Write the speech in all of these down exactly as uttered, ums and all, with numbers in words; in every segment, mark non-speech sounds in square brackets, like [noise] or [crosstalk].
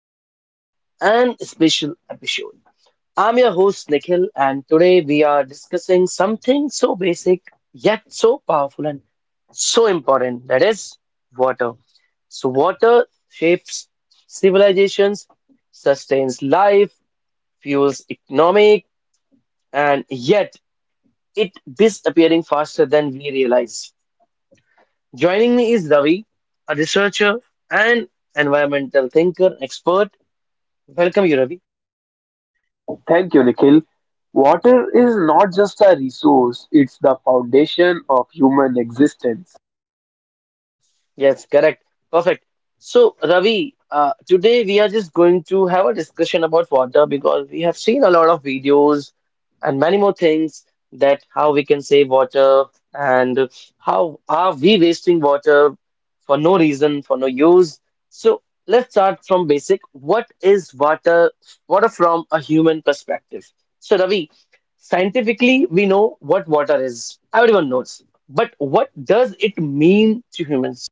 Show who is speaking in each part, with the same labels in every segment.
Speaker 1: social and special episode. I'm your host Nikhil, and today we are discussing something so basic yet so powerful and so important that is water. So, water shapes civilizations, sustains life, fuels economic, and yet it disappearing faster than we realize. Joining me is Ravi, a researcher and environmental thinker expert. Welcome, you, Ravi.
Speaker 2: Thank you, Nikhil. Water is not just a resource, it's the foundation of human existence.
Speaker 1: Yes, correct. Perfect. So, Ravi, uh, today we are just going to have a discussion about water because we have seen a lot of videos and many more things that how we can save water and how are we wasting water for no reason, for no use. So, let's start from basic. What is water, water from a human perspective? So, Ravi, scientifically, we know what water is. Everyone knows. But what does it mean to humans?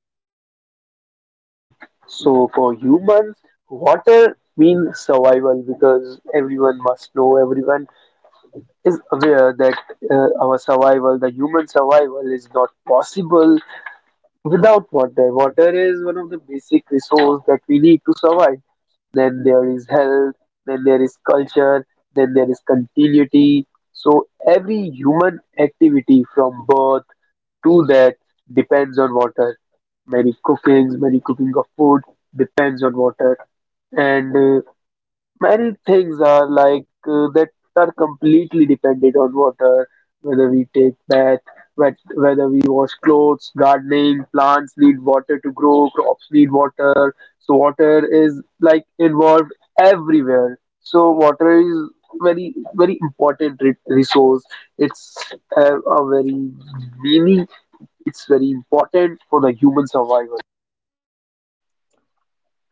Speaker 2: So, for humans, water means survival because everyone must know, everyone is aware that uh, our survival, the human survival, is not possible without water. Water is one of the basic resources that we need to survive. Then there is health, then there is culture, then there is continuity. So every human activity from birth to that depends on water. Many cookings, many cooking of food depends on water. And uh, Many things are like uh, that are completely dependent on water, whether we take bath, whet- whether we wash clothes, gardening, plants need water to grow, crops need water. So water is like involved everywhere. So water is very very important re- resource. It's uh, a very meaning. It's very important for the human survival.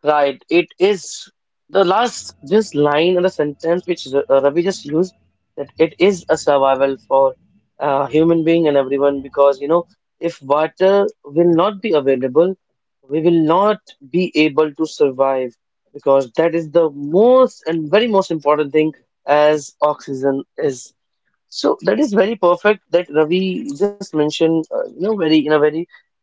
Speaker 1: Right, it is the last just line in the sentence which R- uh, Ravi just used that it is a survival for uh, human being and everyone because you know if water will not be available, we will not be able to survive because that is the most and very most important thing as oxygen is. So that is very perfect that Ravi just mentioned, uh, you know, very in a very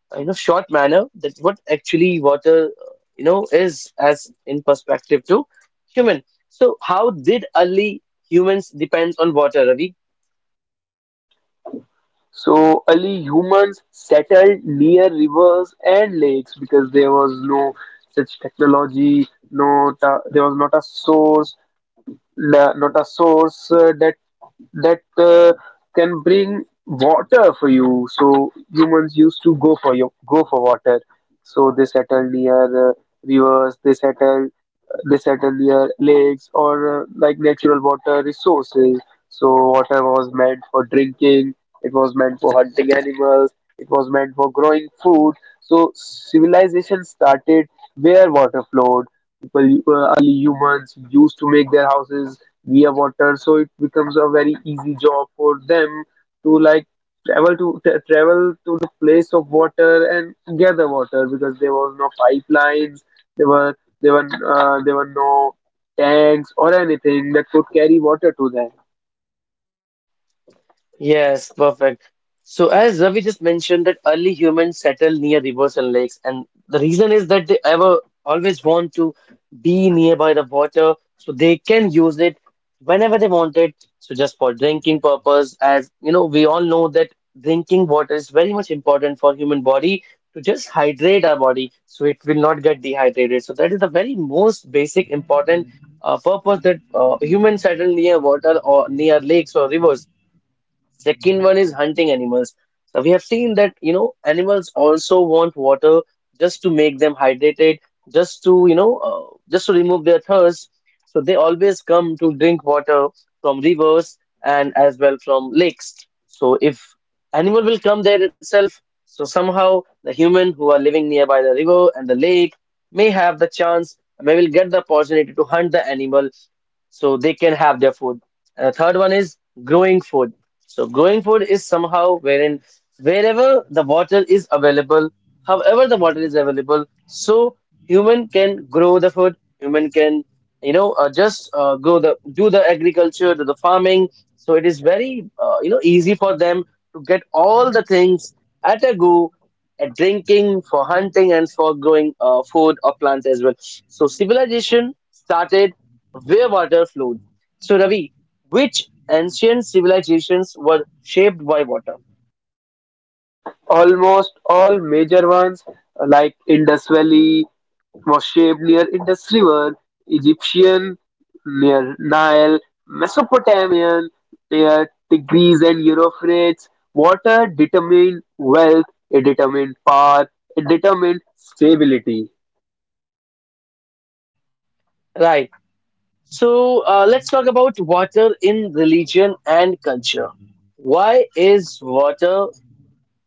Speaker 1: uh, you know short manner that what actually water uh, you know is as in perspective to human. So how did early humans depend on water, Ravi?
Speaker 2: So early humans settled near rivers and lakes because there was no such technology, no ta- there was not a source, na- not a source uh, that that uh, can bring water for you. So humans used to go for your go for water. So they settled near uh, rivers. They settled listed earlier, lakes or uh, like natural water resources. So water was meant for drinking, it was meant for hunting animals, it was meant for growing food. So civilization started where water flowed. People, uh, early humans used to make their houses via water, so it becomes a very easy job for them to like travel to tra- travel to the place of water and gather water because there was no pipelines. There were there were uh, there were no tanks or anything that could carry water to them.
Speaker 1: Yes, perfect. So, as Ravi just mentioned, that early humans settled near rivers and lakes, and the reason is that they ever always want to be nearby the water, so they can use it whenever they want it. So, just for drinking purpose, as you know, we all know that drinking water is very much important for human body to just hydrate our body, so it will not get dehydrated. So, that is the very most basic important uh, purpose that uh, humans settle near water or near lakes or rivers. Second one is hunting animals. So we have seen that, you know, animals also want water just to make them hydrated, just to, you know, uh, just to remove their thirst. So they always come to drink water from rivers and as well from lakes. So if animal will come there itself, so somehow the human who are living nearby the river and the lake may have the chance, may will get the opportunity to hunt the animal so they can have their food. And the third one is growing food. So growing food is somehow wherein wherever the water is available, however the water is available, so human can grow the food. Human can, you know, uh, just uh, go the do the agriculture, do the farming. So it is very, uh, you know, easy for them to get all the things at a go, at drinking, for hunting, and for growing uh, food or plants as well. So civilization started where water flowed. So, Ravi, which ancient civilizations were shaped by water?
Speaker 2: Almost all major ones uh, like Indus Valley was shaped near Indus River, Egyptian near Nile, Mesopotamian near Tigris and Euphrates. Water determined wealth, it determined power, it determined stability.
Speaker 1: Right. So, uh, let's talk about water in religion and culture. Why is water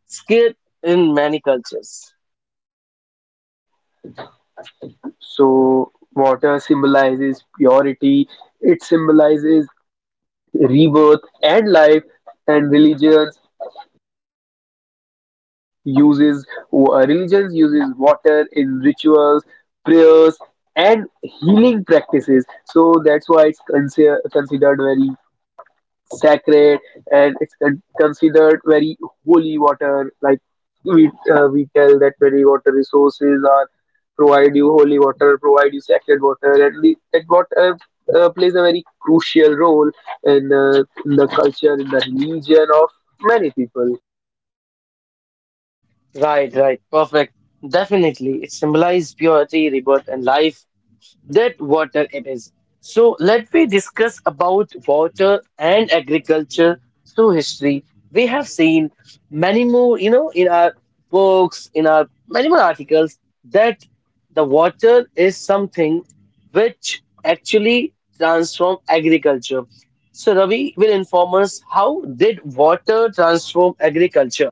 Speaker 1: scarce in many cultures?
Speaker 2: So water symbolizes purity, it symbolizes rebirth and life, and religions uses uh, religions uses water in rituals, prayers, and healing practices. So that's why it's consider, considered very sacred, and it's con- considered very holy water. Like we uh, we tell that very water resources are provide you holy water, provide you sacred water, and the, that water uh, plays a very crucial role in, uh, in the culture, in the religion of many people.
Speaker 1: Right, right. Perfect. Definitely. It symbolizes purity, rebirth, and life. That water it is. So let me discuss about water and agriculture through history. We have seen many more, you know, in our books, in our many more articles that the water is something which actually transform agriculture. So Ravi will inform us how did water transform agriculture?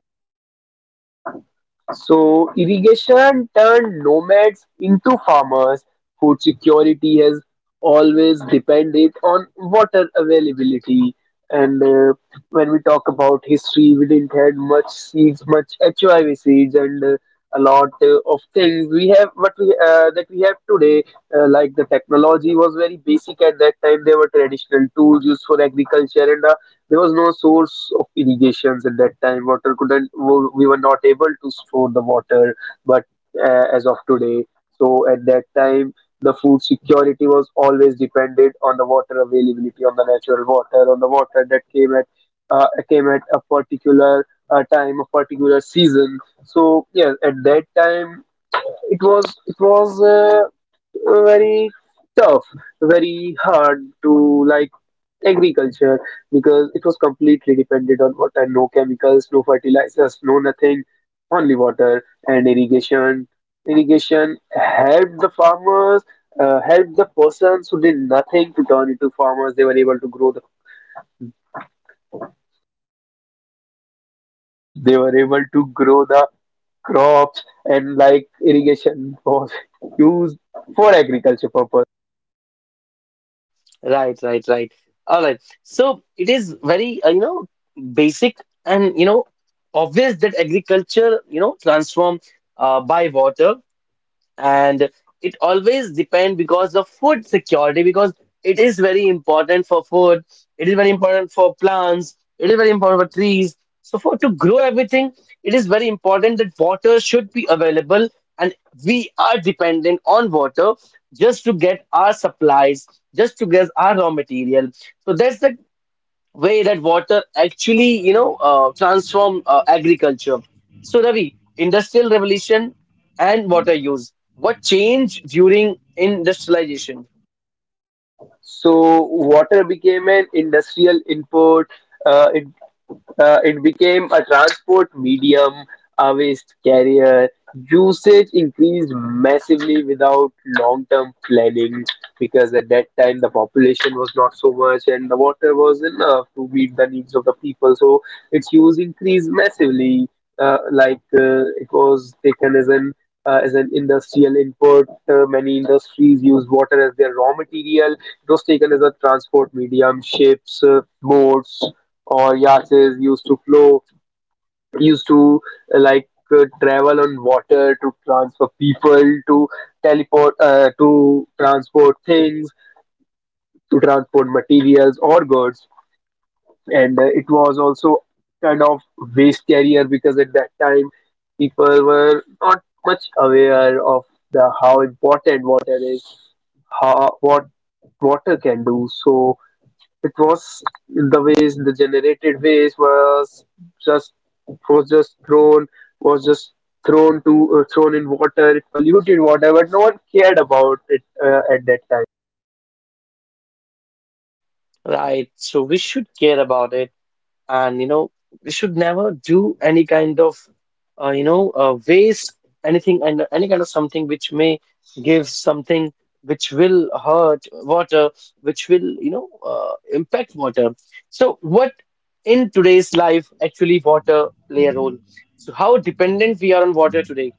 Speaker 2: So irrigation turned nomads into farmers. Food security has always depended on water availability. And uh, When we talk about history, we didn't had much seeds, much H I V seeds, and uh, a lot uh, of things we have what we uh, that we have today. Uh, like the technology was very basic at that time. There were traditional tools used for agriculture, and there was no source of irrigations at that time. Water couldn't. w- We were not able to store the water, but uh, as of today, so at that time, the food security was always dependent on the water availability, on the natural water, on the water that came at uh, came at a particular uh, time, a particular season. So yeah, at that time, it was it was uh, very tough, very hard to like agriculture because it was completely dependent on water. No chemicals, no fertilizers, no nothing, only water and irrigation. Irrigation helped the farmers, uh, helped the persons who did nothing to turn into farmers. They were able to grow the, they were able to grow the crops, and like irrigation was [laughs] used for agriculture purpose.
Speaker 1: Right, right, right. All right. So it is very, uh, you know, basic and, you know, obvious that agriculture, you know, transform uh, by water and it always depend because of food security because it is very important for food, it is very important for plants, it is very important for trees, so for to grow everything it is very important that water should be available and we are dependent on water just to get our supplies, just to get our raw material. So that's the way that water actually, you know, uh, transform uh, agriculture. So, Ravi, industrial revolution and water use. What changed during industrialization?
Speaker 2: So water became an industrial input. Uh, it Uh, it became a transport medium, a waste carrier. Usage increased massively without long term planning because at that time the population was not so much and the water was enough to meet the needs of the people. So its use increased massively. Uh, like uh, it was taken as an uh, as an industrial input. Uh, many industries used water as their raw material. It was taken as a transport medium, ships, uh, boats, or yachts used to flow, used to uh, like uh, travel on water to transfer people, to teleport, uh, to transport things, to transport materials or goods. And uh, It was also kind of waste carrier because at that time people were not much aware of the how important water is, how what water can do. So it was the waste, the generated waste was just was just thrown was just thrown to uh, thrown in water. It polluted water, but no one cared about it uh, at that time.
Speaker 1: Right. So we should care about it. And you know we should never do any kind of uh, you know uh, waste anything and any kind of something which may give something which will hurt water, which will, you know, uh, impact water. So what in today's life actually water play a role, so how dependent we are on water today?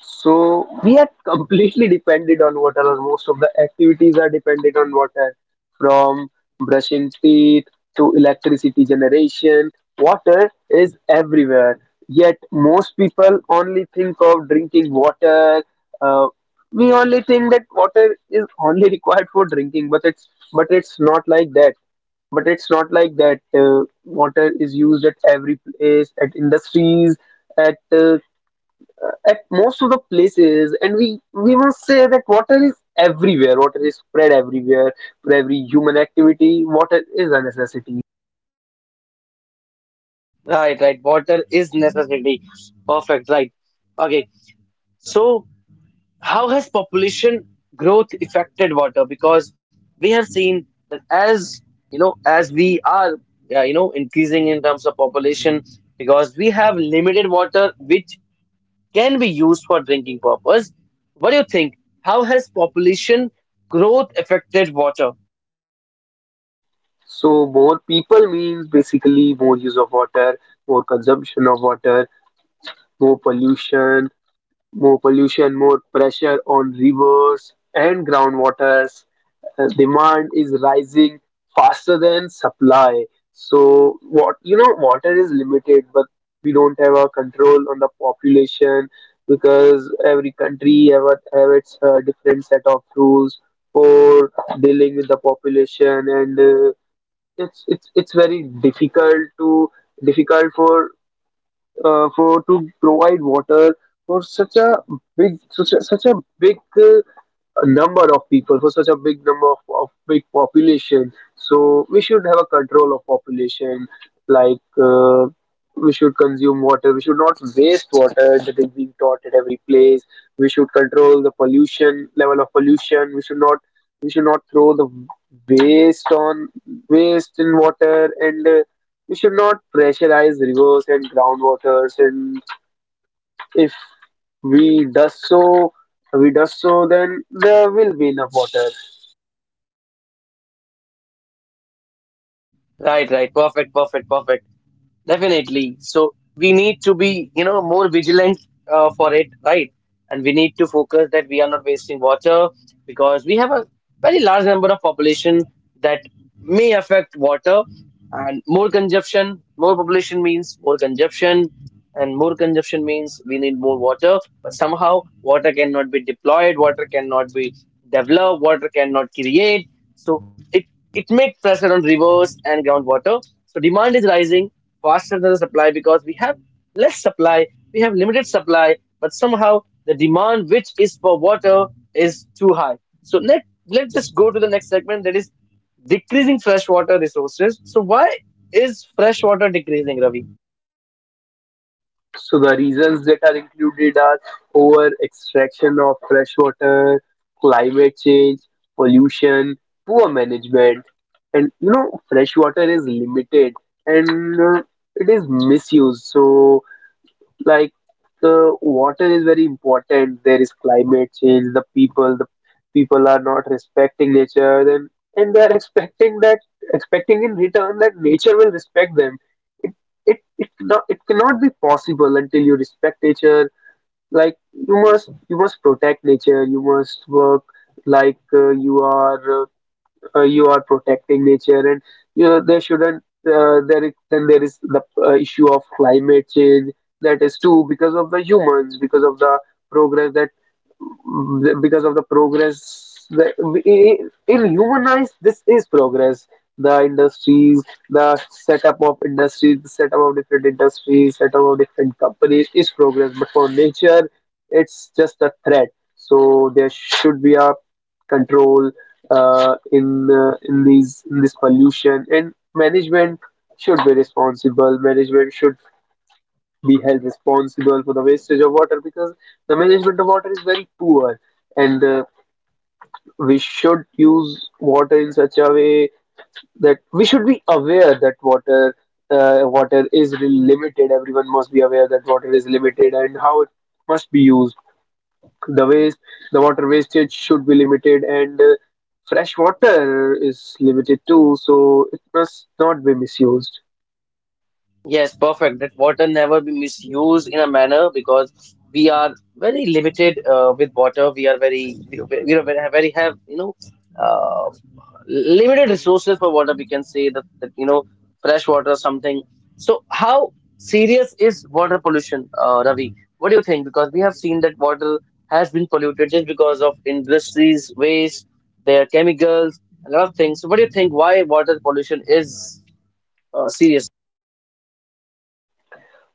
Speaker 2: So we are completely dependent on water, or most of the activities are dependent on water, from brushing teeth to electricity generation. Water is everywhere. Yet most people only think of drinking water. Uh, we only think that water is only [laughs] required for drinking, but it's but it's not like that, but it's not like that uh, water is used at every place, at industries, at uh, at most of the places, and we we must say that water is everywhere, water is spread everywhere. For every human activity water is a necessity.
Speaker 1: Right, right, water is necessity. Perfect, right. Okay. So, how has population growth affected water? Because we have seen that as you know as we are, uh, you know, increasing in terms of population, because we have limited water which can be used for drinking purpose, what do you think? How has population growth affected water?
Speaker 2: So more people means basically more use of water, more consumption of water, more pollution. More pollution more pressure on rivers and groundwaters. Uh, demand is rising faster than supply. So what, you know, water is limited, but we don't have a control on the population because every country have, a- have its uh, different set of rules for dealing with the population, and uh, it's it's it's very difficult to difficult for uh, for to provide water for such a big, such a, such a big uh, a number of people, for such a big number of, of big population. So we should have a control of population. Like uh, we should consume water, we should not waste water, that is being taught at every place. We should control the pollution level of pollution. We should not we should not throw the waste on waste in water, and uh, we should not pressurize rivers and groundwaters, and if we does so, we does so, then there will be enough water.
Speaker 1: Right, right. Perfect, perfect, perfect. Definitely. So we need to be, you know, more vigilant uh, for it, right? And we need to focus that we are not wasting water because we have a very large number of population that may affect water. And more consumption, more population means more consumption, and more consumption means we need more water, but somehow water cannot be deployed, water cannot be developed, water cannot create, so it it makes pressure on rivers and groundwater. So demand is rising faster than the supply, because we have less supply, we have limited supply, but somehow the demand which is for water is too high. So let, let's just go to the next segment that is decreasing freshwater resources. So why is freshwater decreasing, Ravi?
Speaker 2: So the reasons that are included are over extraction of fresh water, climate change, pollution, poor management, and you know fresh water is limited and uh, it is misused. So like the water is very important, there is climate change, the people the people are not respecting nature, and and they are expecting that expecting in return that nature will respect them. It it it not it cannot be possible until you respect nature. Like you must, you must protect nature, you must work like uh, you are uh, uh, you are protecting nature. And you know there shouldn't, uh, there is, then there is the uh, issue of climate change. That is too because of the humans, because of the progress that, because of the progress the, in in human eyes this is progress, the industries, the setup of industries, the setup of different industries, setup of different companies is progress, but for nature it's just a threat. So there should be a control uh, in uh, in these, in this pollution, and management should be responsible, management should be held responsible for the wastage of water, because the management of water is very poor. And uh, we should use water in such a way that we should be aware that water uh, water is really limited. Everyone must be aware that water is limited and how it must be used. The waste, the water wastage should be limited, and uh, fresh water is limited too, so it must not be misused.
Speaker 1: Yes, perfect. That water never be misused in a manner, because we are very limited uh, with water. We are very, we we are very, very have, you know, uh, limited resources for water. We can say that, that you know, fresh water or something. So, how serious is water pollution, uh, Ravi? What do you think? Because we have seen that water has been polluted just because of industries, waste, their chemicals, a lot of things. So, what do you think? Why water pollution is uh, serious?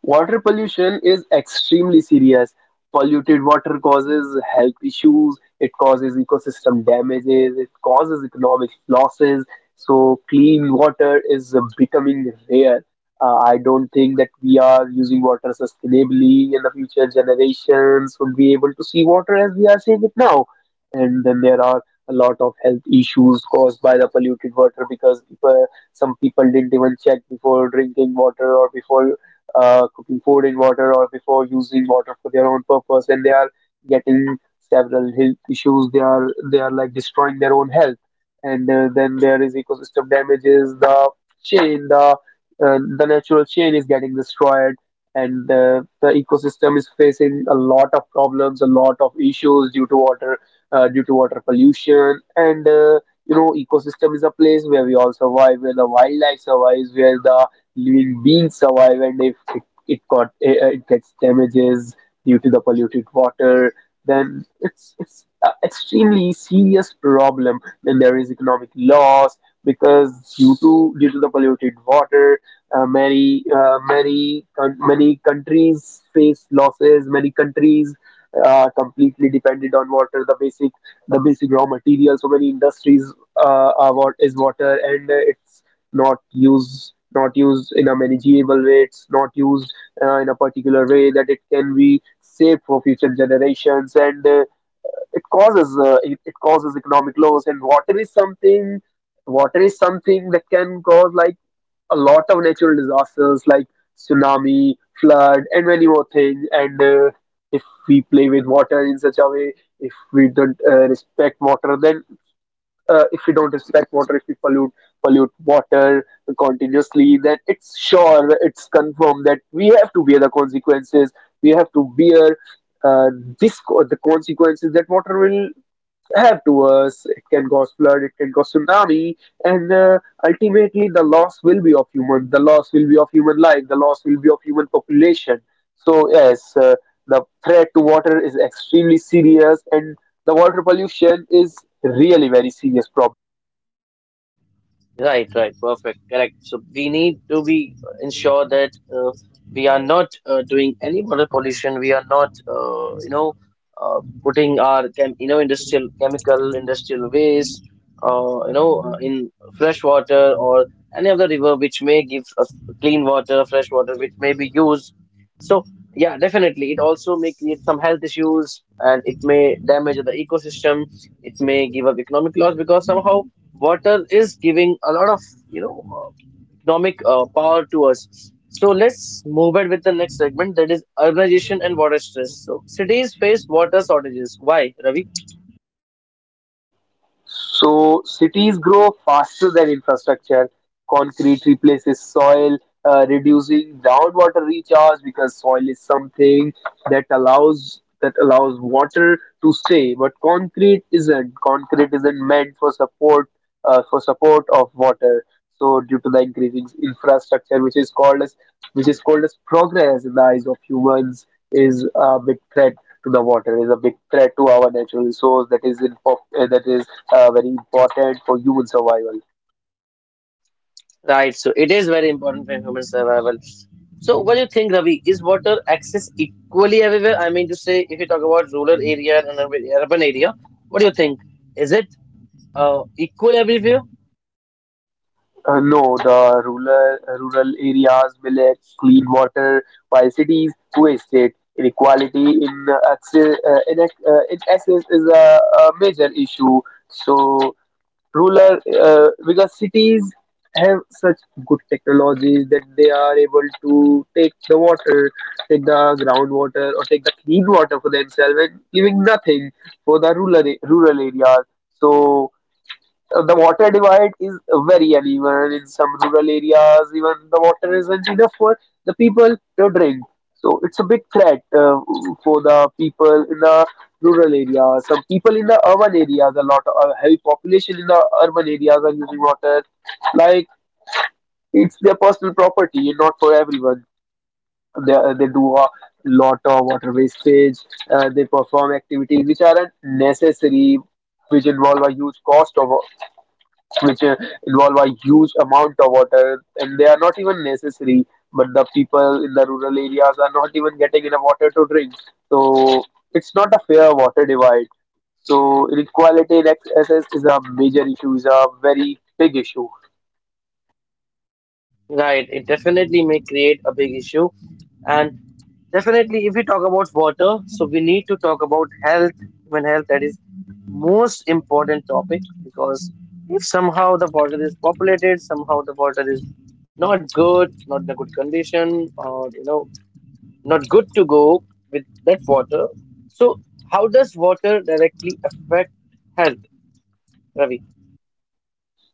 Speaker 2: Water pollution is extremely serious. Polluted water causes health issues, it causes ecosystem damages, it causes economic losses. So, clean water is uh, becoming rare. Uh, I don't think that we are using water sustainably, and the future generations would be able to see water as we are seeing it now. And then there are a lot of health issues caused by the polluted water because people, some people didn't even check before drinking water or before uh, cooking food in water or before using water for their own purpose, and they are getting several health issues. They are they are like destroying their own health. And uh, Then there is ecosystem damages. the chain the uh, the natural chain is getting destroyed, and uh, the ecosystem is facing a lot of problems, a lot of issues due to water, uh, due to water pollution. And uh, you know Ecosystem is a place where we all survive, where the wildlife survives, where the living beings survive, and if it, it got uh, it gets damages due to the polluted water, then it's it's an extremely serious problem. Then there is economic loss because due to due to the polluted water, uh, many uh, many coun many countries face losses. Many countries are completely dependent on water. The basic the basic raw material so many industries uh, are what is water, and uh, it's not used, not used in a manageable way. It's not used uh, in a particular way that it can be saved for future generations, and uh, it causes uh, it, it causes economic loss. And water is something water is something that can cause like a lot of natural disasters like tsunami, flood, and many more things. And uh, If we play with water in such a way, if we don't uh, respect water, then uh, if we don't respect water, if we pollute pollute water continuously, then it's sure, it's confirmed that we have to bear the consequences. We have to bear uh, this co- the consequences that water will have to us. It can cause flood, it can cause tsunami, and uh, ultimately the loss will be of human. The loss will be of human life. The loss will be of human population. So yes, uh, the threat to water is extremely serious, and the water pollution is really very serious problem.
Speaker 1: Right, right, perfect, correct. So we need to be ensure that uh, we are not uh, doing any water pollution. We are not, uh, you know, uh, putting our chem, you know, industrial chemical, industrial waste, uh, you know uh, in fresh water or any other river which may give us clean water, fresh water, which may be used. So yeah, definitely it also may create some health issues and it may damage the ecosystem, it may give up economic loss, because somehow water is giving a lot of, you know, uh, economic uh, power to us. So let's move it with the next segment that is urbanization and water stress. So cities face water shortages. Why, Ravi?
Speaker 2: So cities grow faster than infrastructure. Concrete replaces soil, uh, reducing groundwater recharge, because soil is something that allows that allows water to stay. But concrete isn't. Concrete isn't meant for support, uh, for support of water. So due to the increasing infrastructure, which is called as which is called as progress in the eyes of humans, is a big threat to the water. Is a big threat to our natural resource, that is in pop, uh, that is uh, very important for human survival.
Speaker 1: Right. So it is very important for human survival. So what do you think, Ravi? Is water access equally everywhere? I mean to say, if you talk about rural area and urban urban area, what do you think? Is it uh, equal everywhere?
Speaker 2: Uh, no, the rural rural areas will lack clean water, while cities waste it. Inequality in uh, access, uh, in, ac- uh, in access is a, a major issue. So, rural uh, because cities have such good technologies that they are able to take the water, take the groundwater, or take the clean water for themselves, and giving nothing for the rural rural areas. So uh, the water divide is very uneven. In some rural areas, even the water isn't enough for the people to drink. So it's a big threat uh, for the people in the rural areas. Some people in the urban areas, a lot of heavy population in the urban areas are using water like it's their personal property and not for everyone. They, uh, they do a lot of water wastage. Uh, they perform activities which aren't necessary, which involve a huge cost of which uh, involve a huge amount of water, and they are not even necessary. But the people in the rural areas are not even getting enough water to drink. So it's not a fair water divide. So inequality in access is a major issue, is a very big issue.
Speaker 1: Right, it definitely may create a big issue. And definitely, if we talk about water, so we need to talk about health, human health, that is most important topic, because if somehow the water is populated, somehow the water is not good, not in a good condition, or you know, not good to go with that water. So, how does water directly affect health, Ravi?
Speaker 2: Ravi.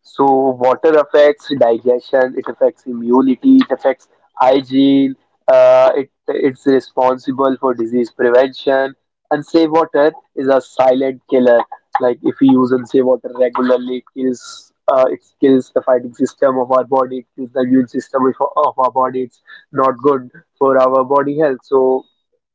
Speaker 2: So water affects digestion, it affects immunity, it affects hygiene, uh, it, it's responsible for disease prevention. Unsafe water is a silent killer. Like, if we use unsafe water regularly, it kills, uh, it kills the fighting system of our body, it kills the immune system of, of our body. It's not good for our body health. So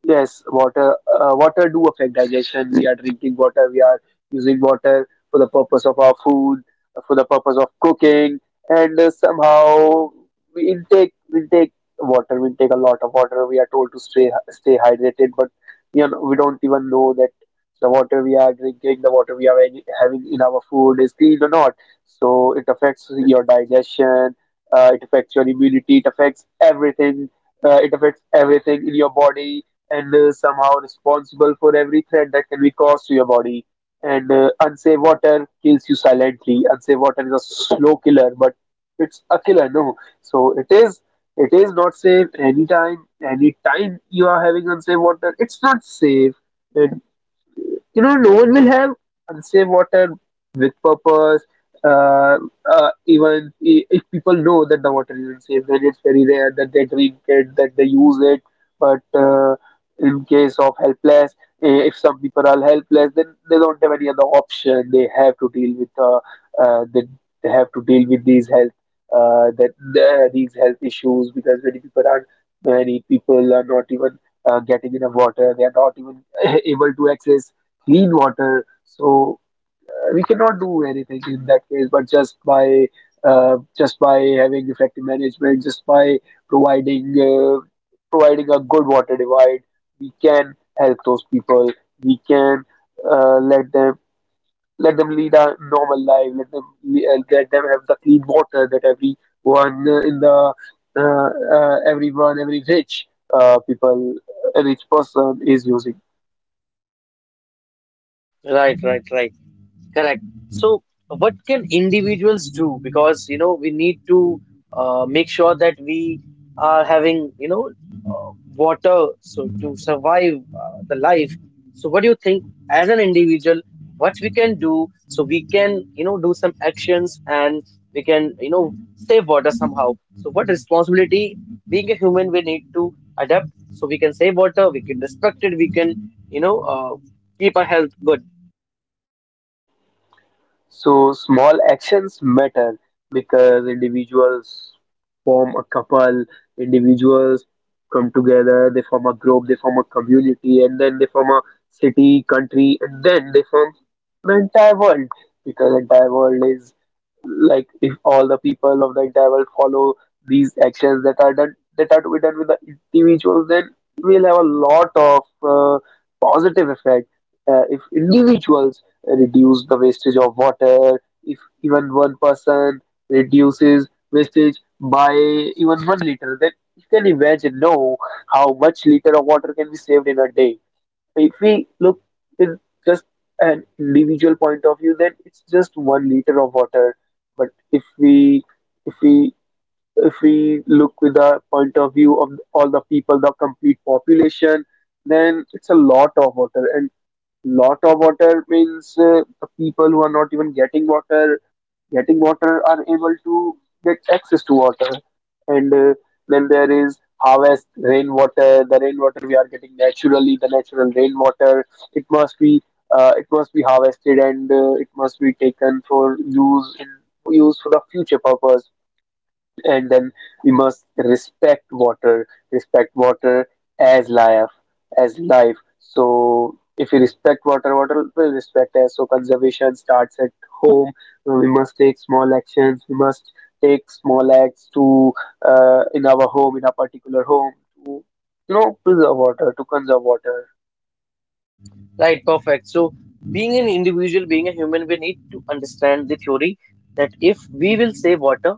Speaker 2: yes, water. Uh, water do affect digestion. We are drinking water. We are using water for the purpose of our food, for the purpose of cooking, and uh, somehow we intake we take water, we take a lot of water. We are told to stay stay hydrated, but you know, we don't even know that the water we are drinking, the water we are having having in our food is clean or not. So it affects your digestion, uh, it affects your immunity, it affects everything. Uh, it affects everything in your body, and uh, somehow responsible for every threat that can be caused to your body. And uh, Unsafe water kills you silently. Unsafe water is a slow killer, but it's a killer, no. So it is it is not safe. Anytime anytime you are having unsafe water, it's not safe. And you know, no one will have unsafe water with purpose. Uh, uh, even i- if people know that the water is unsafe, then it's very rare that they drink it, that they use it. But uh, in case of helpless, eh, if some people are helpless, then they don't have any other option. They have to deal with uh, uh, they, they have to deal with these health uh, that the, these health issues, because many people are many people are not even uh, getting enough water. They are not even [laughs] able to access clean water. So uh, we cannot do anything in that case, but just by uh, just by having effective management, just by providing uh, providing a good water divide, we can help those people. We can uh, let them let them lead a normal life. Let them uh, let them have the clean water that everyone uh, in the uh, uh, everyone every rich uh, people, a rich person is using.
Speaker 1: Right, right, right. Correct. So, what can individuals do? Because, you know, we need to uh, make sure that we are having, you know, uh, water so to survive uh, the life. So, what do you think as an individual, what we can do so we can, you know, do some actions and we can, you know, save water somehow. So, what responsibility being a human we need to adapt so we can save water, we can respect it, we can, you know, uh, keep our health good.
Speaker 2: So small actions matter because individuals form a couple, individuals come together, they form a group, they form a community, and then they form a city, country, and then they form the entire world. Because the entire world is like, if all the people of the entire world follow these actions that are done, that are to be done with the individuals, then we'll have a lot of uh, positive effect. Uh, if individuals reduce the wastage of water, if even one person reduces wastage by even one liter, then you can imagine, no, how much liter of water can be saved in a day. If we look in just an individual point of view, then it's just one liter of water. But if we if we if we look with the point of view of all the people, the complete population, then it's a lot of water. And lot of water means uh, the people who are not even getting water, getting water are able to get access to water. And uh, Then there is harvest rainwater. The rainwater we are getting naturally, the natural rainwater, it must be uh, it must be harvested, and uh, it must be taken for use in use for the future purpose. And then we must respect water, respect water as life, as life so if you respect water, water will respect us. So conservation starts at home. We must take small actions, we must take small acts to uh, in our home, in our particular home, to, you know, preserve water, to conserve water.
Speaker 1: Right, perfect. So, being an individual, being a human, we need to understand the theory that if we will save water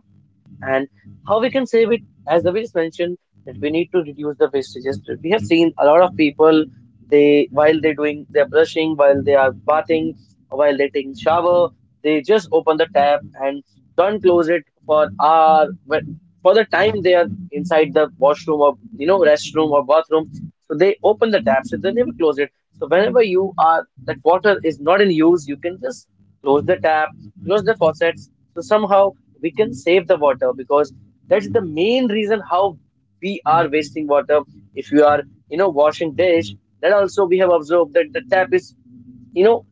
Speaker 1: and how we can save it, as David mentioned, that we need to reduce the wastages. We have seen a lot of people they while they're doing their brushing, while they are bathing, while they're taking shower, they just open the tap and don't close it for hour. But for the time they are inside the washroom or you know restroom or bathroom, so they open the tap, so they never close it. So whenever you are that water is not in use, you can just close the tap, close the faucets. So somehow we can save the water, because that's the main reason how we are wasting water. If you are, you know, washing dish, then also we have observed that the tap is, you know,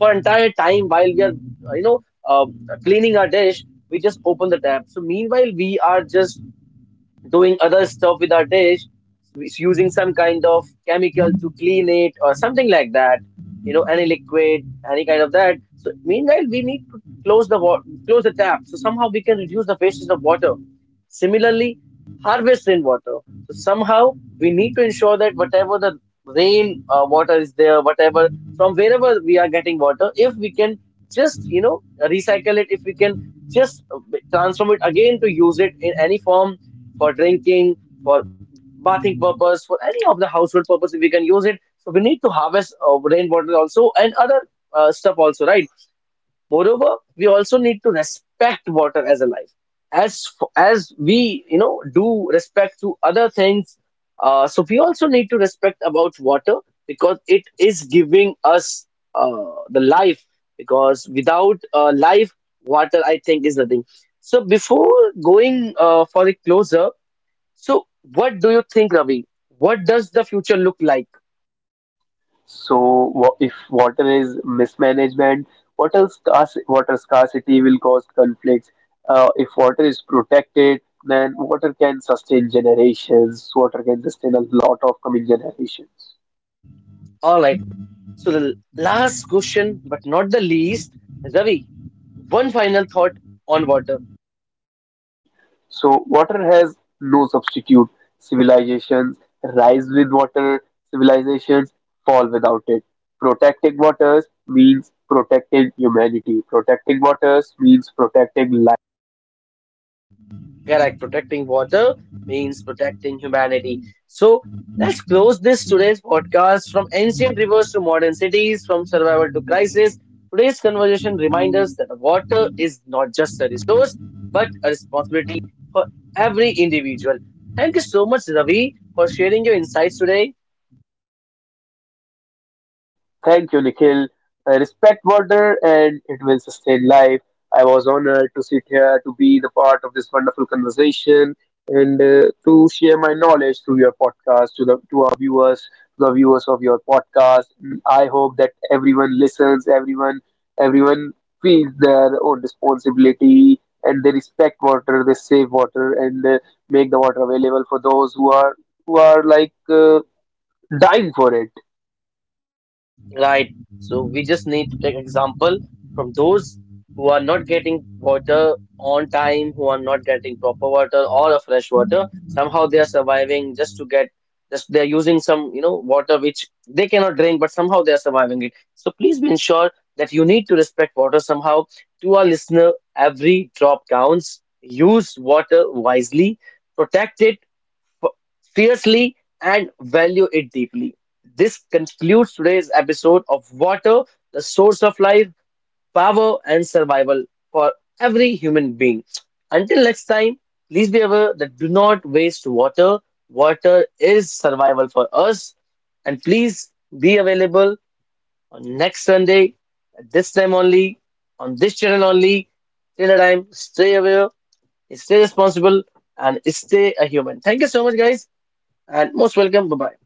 Speaker 1: for entire time while we are, you know, uh, cleaning our dish, we just open the tap. So meanwhile we are just doing other stuff with our dish, it's using some kind of chemical to clean it or something like that, you know, any liquid, any kind of that. So meanwhile we need to close the wa- close the tap so somehow we can reduce the wastage of water. Similarly, harvest rainwater. So somehow we need to ensure that whatever the rain uh, water is there, whatever from wherever we are getting water, if we can just you know recycle it, if we can just uh, transform it again to use it in any form, for drinking, for bathing purpose, for any of the household purpose, if we can use it. So we need to harvest uh, rainwater also and other uh, stuff also, right? Moreover, we also need to respect water as a life. As f- as we you know do respect to other things, uh, so we also need to respect about water because it is giving us uh, the life. Because without uh, life, water I think is nothing. So before going uh, for a closer, so what do you think, Ravi? What does the future look like?
Speaker 2: So, wa- if water is mismanagement, water, scarce, water scarcity will cause conflicts. Uh, if water is protected, then water can sustain generations. Water can sustain a lot of coming generations.
Speaker 1: All right. So the last question, but not the least, Ravi. One final thought on water.
Speaker 2: So, water has no substitute. Civilizations rise with water, civilizations fall without it. Protecting waters means protecting humanity. Protecting waters means protecting.
Speaker 1: Correct. Protecting water means protecting humanity. So let's close this today's podcast from ancient rivers to modern cities, from survival to crisis. Today's conversation reminds us that water is not just a resource, but a responsibility for every individual. Thank you so much, Ravi, for sharing your insights today.
Speaker 2: Thank you, Nikhil. I respect water and it will sustain life. I was honored to sit here, to be the part of this wonderful conversation, and uh, to share my knowledge through your podcast to the to our viewers, to the viewers of your podcast. Mm, I hope that everyone listens, everyone everyone feels their own responsibility, and they respect water, they save water, and uh, make the water available for those who are who are like uh, dying for it.
Speaker 1: Right. So we just need to take example from those who are not getting water on time, who are not getting proper water or a fresh water. Somehow they are surviving just to get, just they're using some, you know, water which they cannot drink, but somehow they are surviving it. So please be ensured that you need to respect water somehow. To our listener, every drop counts. Use water wisely, protect it f- fiercely and value it deeply. This concludes today's episode of Water, the Source of Life, Power, and Survival for every human being. Until next time, please be aware that do not waste water. Water is survival for us. And please be available on next Sunday at this time only, on this channel only. Till the time, stay aware, stay responsible, and stay a human. Thank you so much, guys, and most welcome. Bye bye.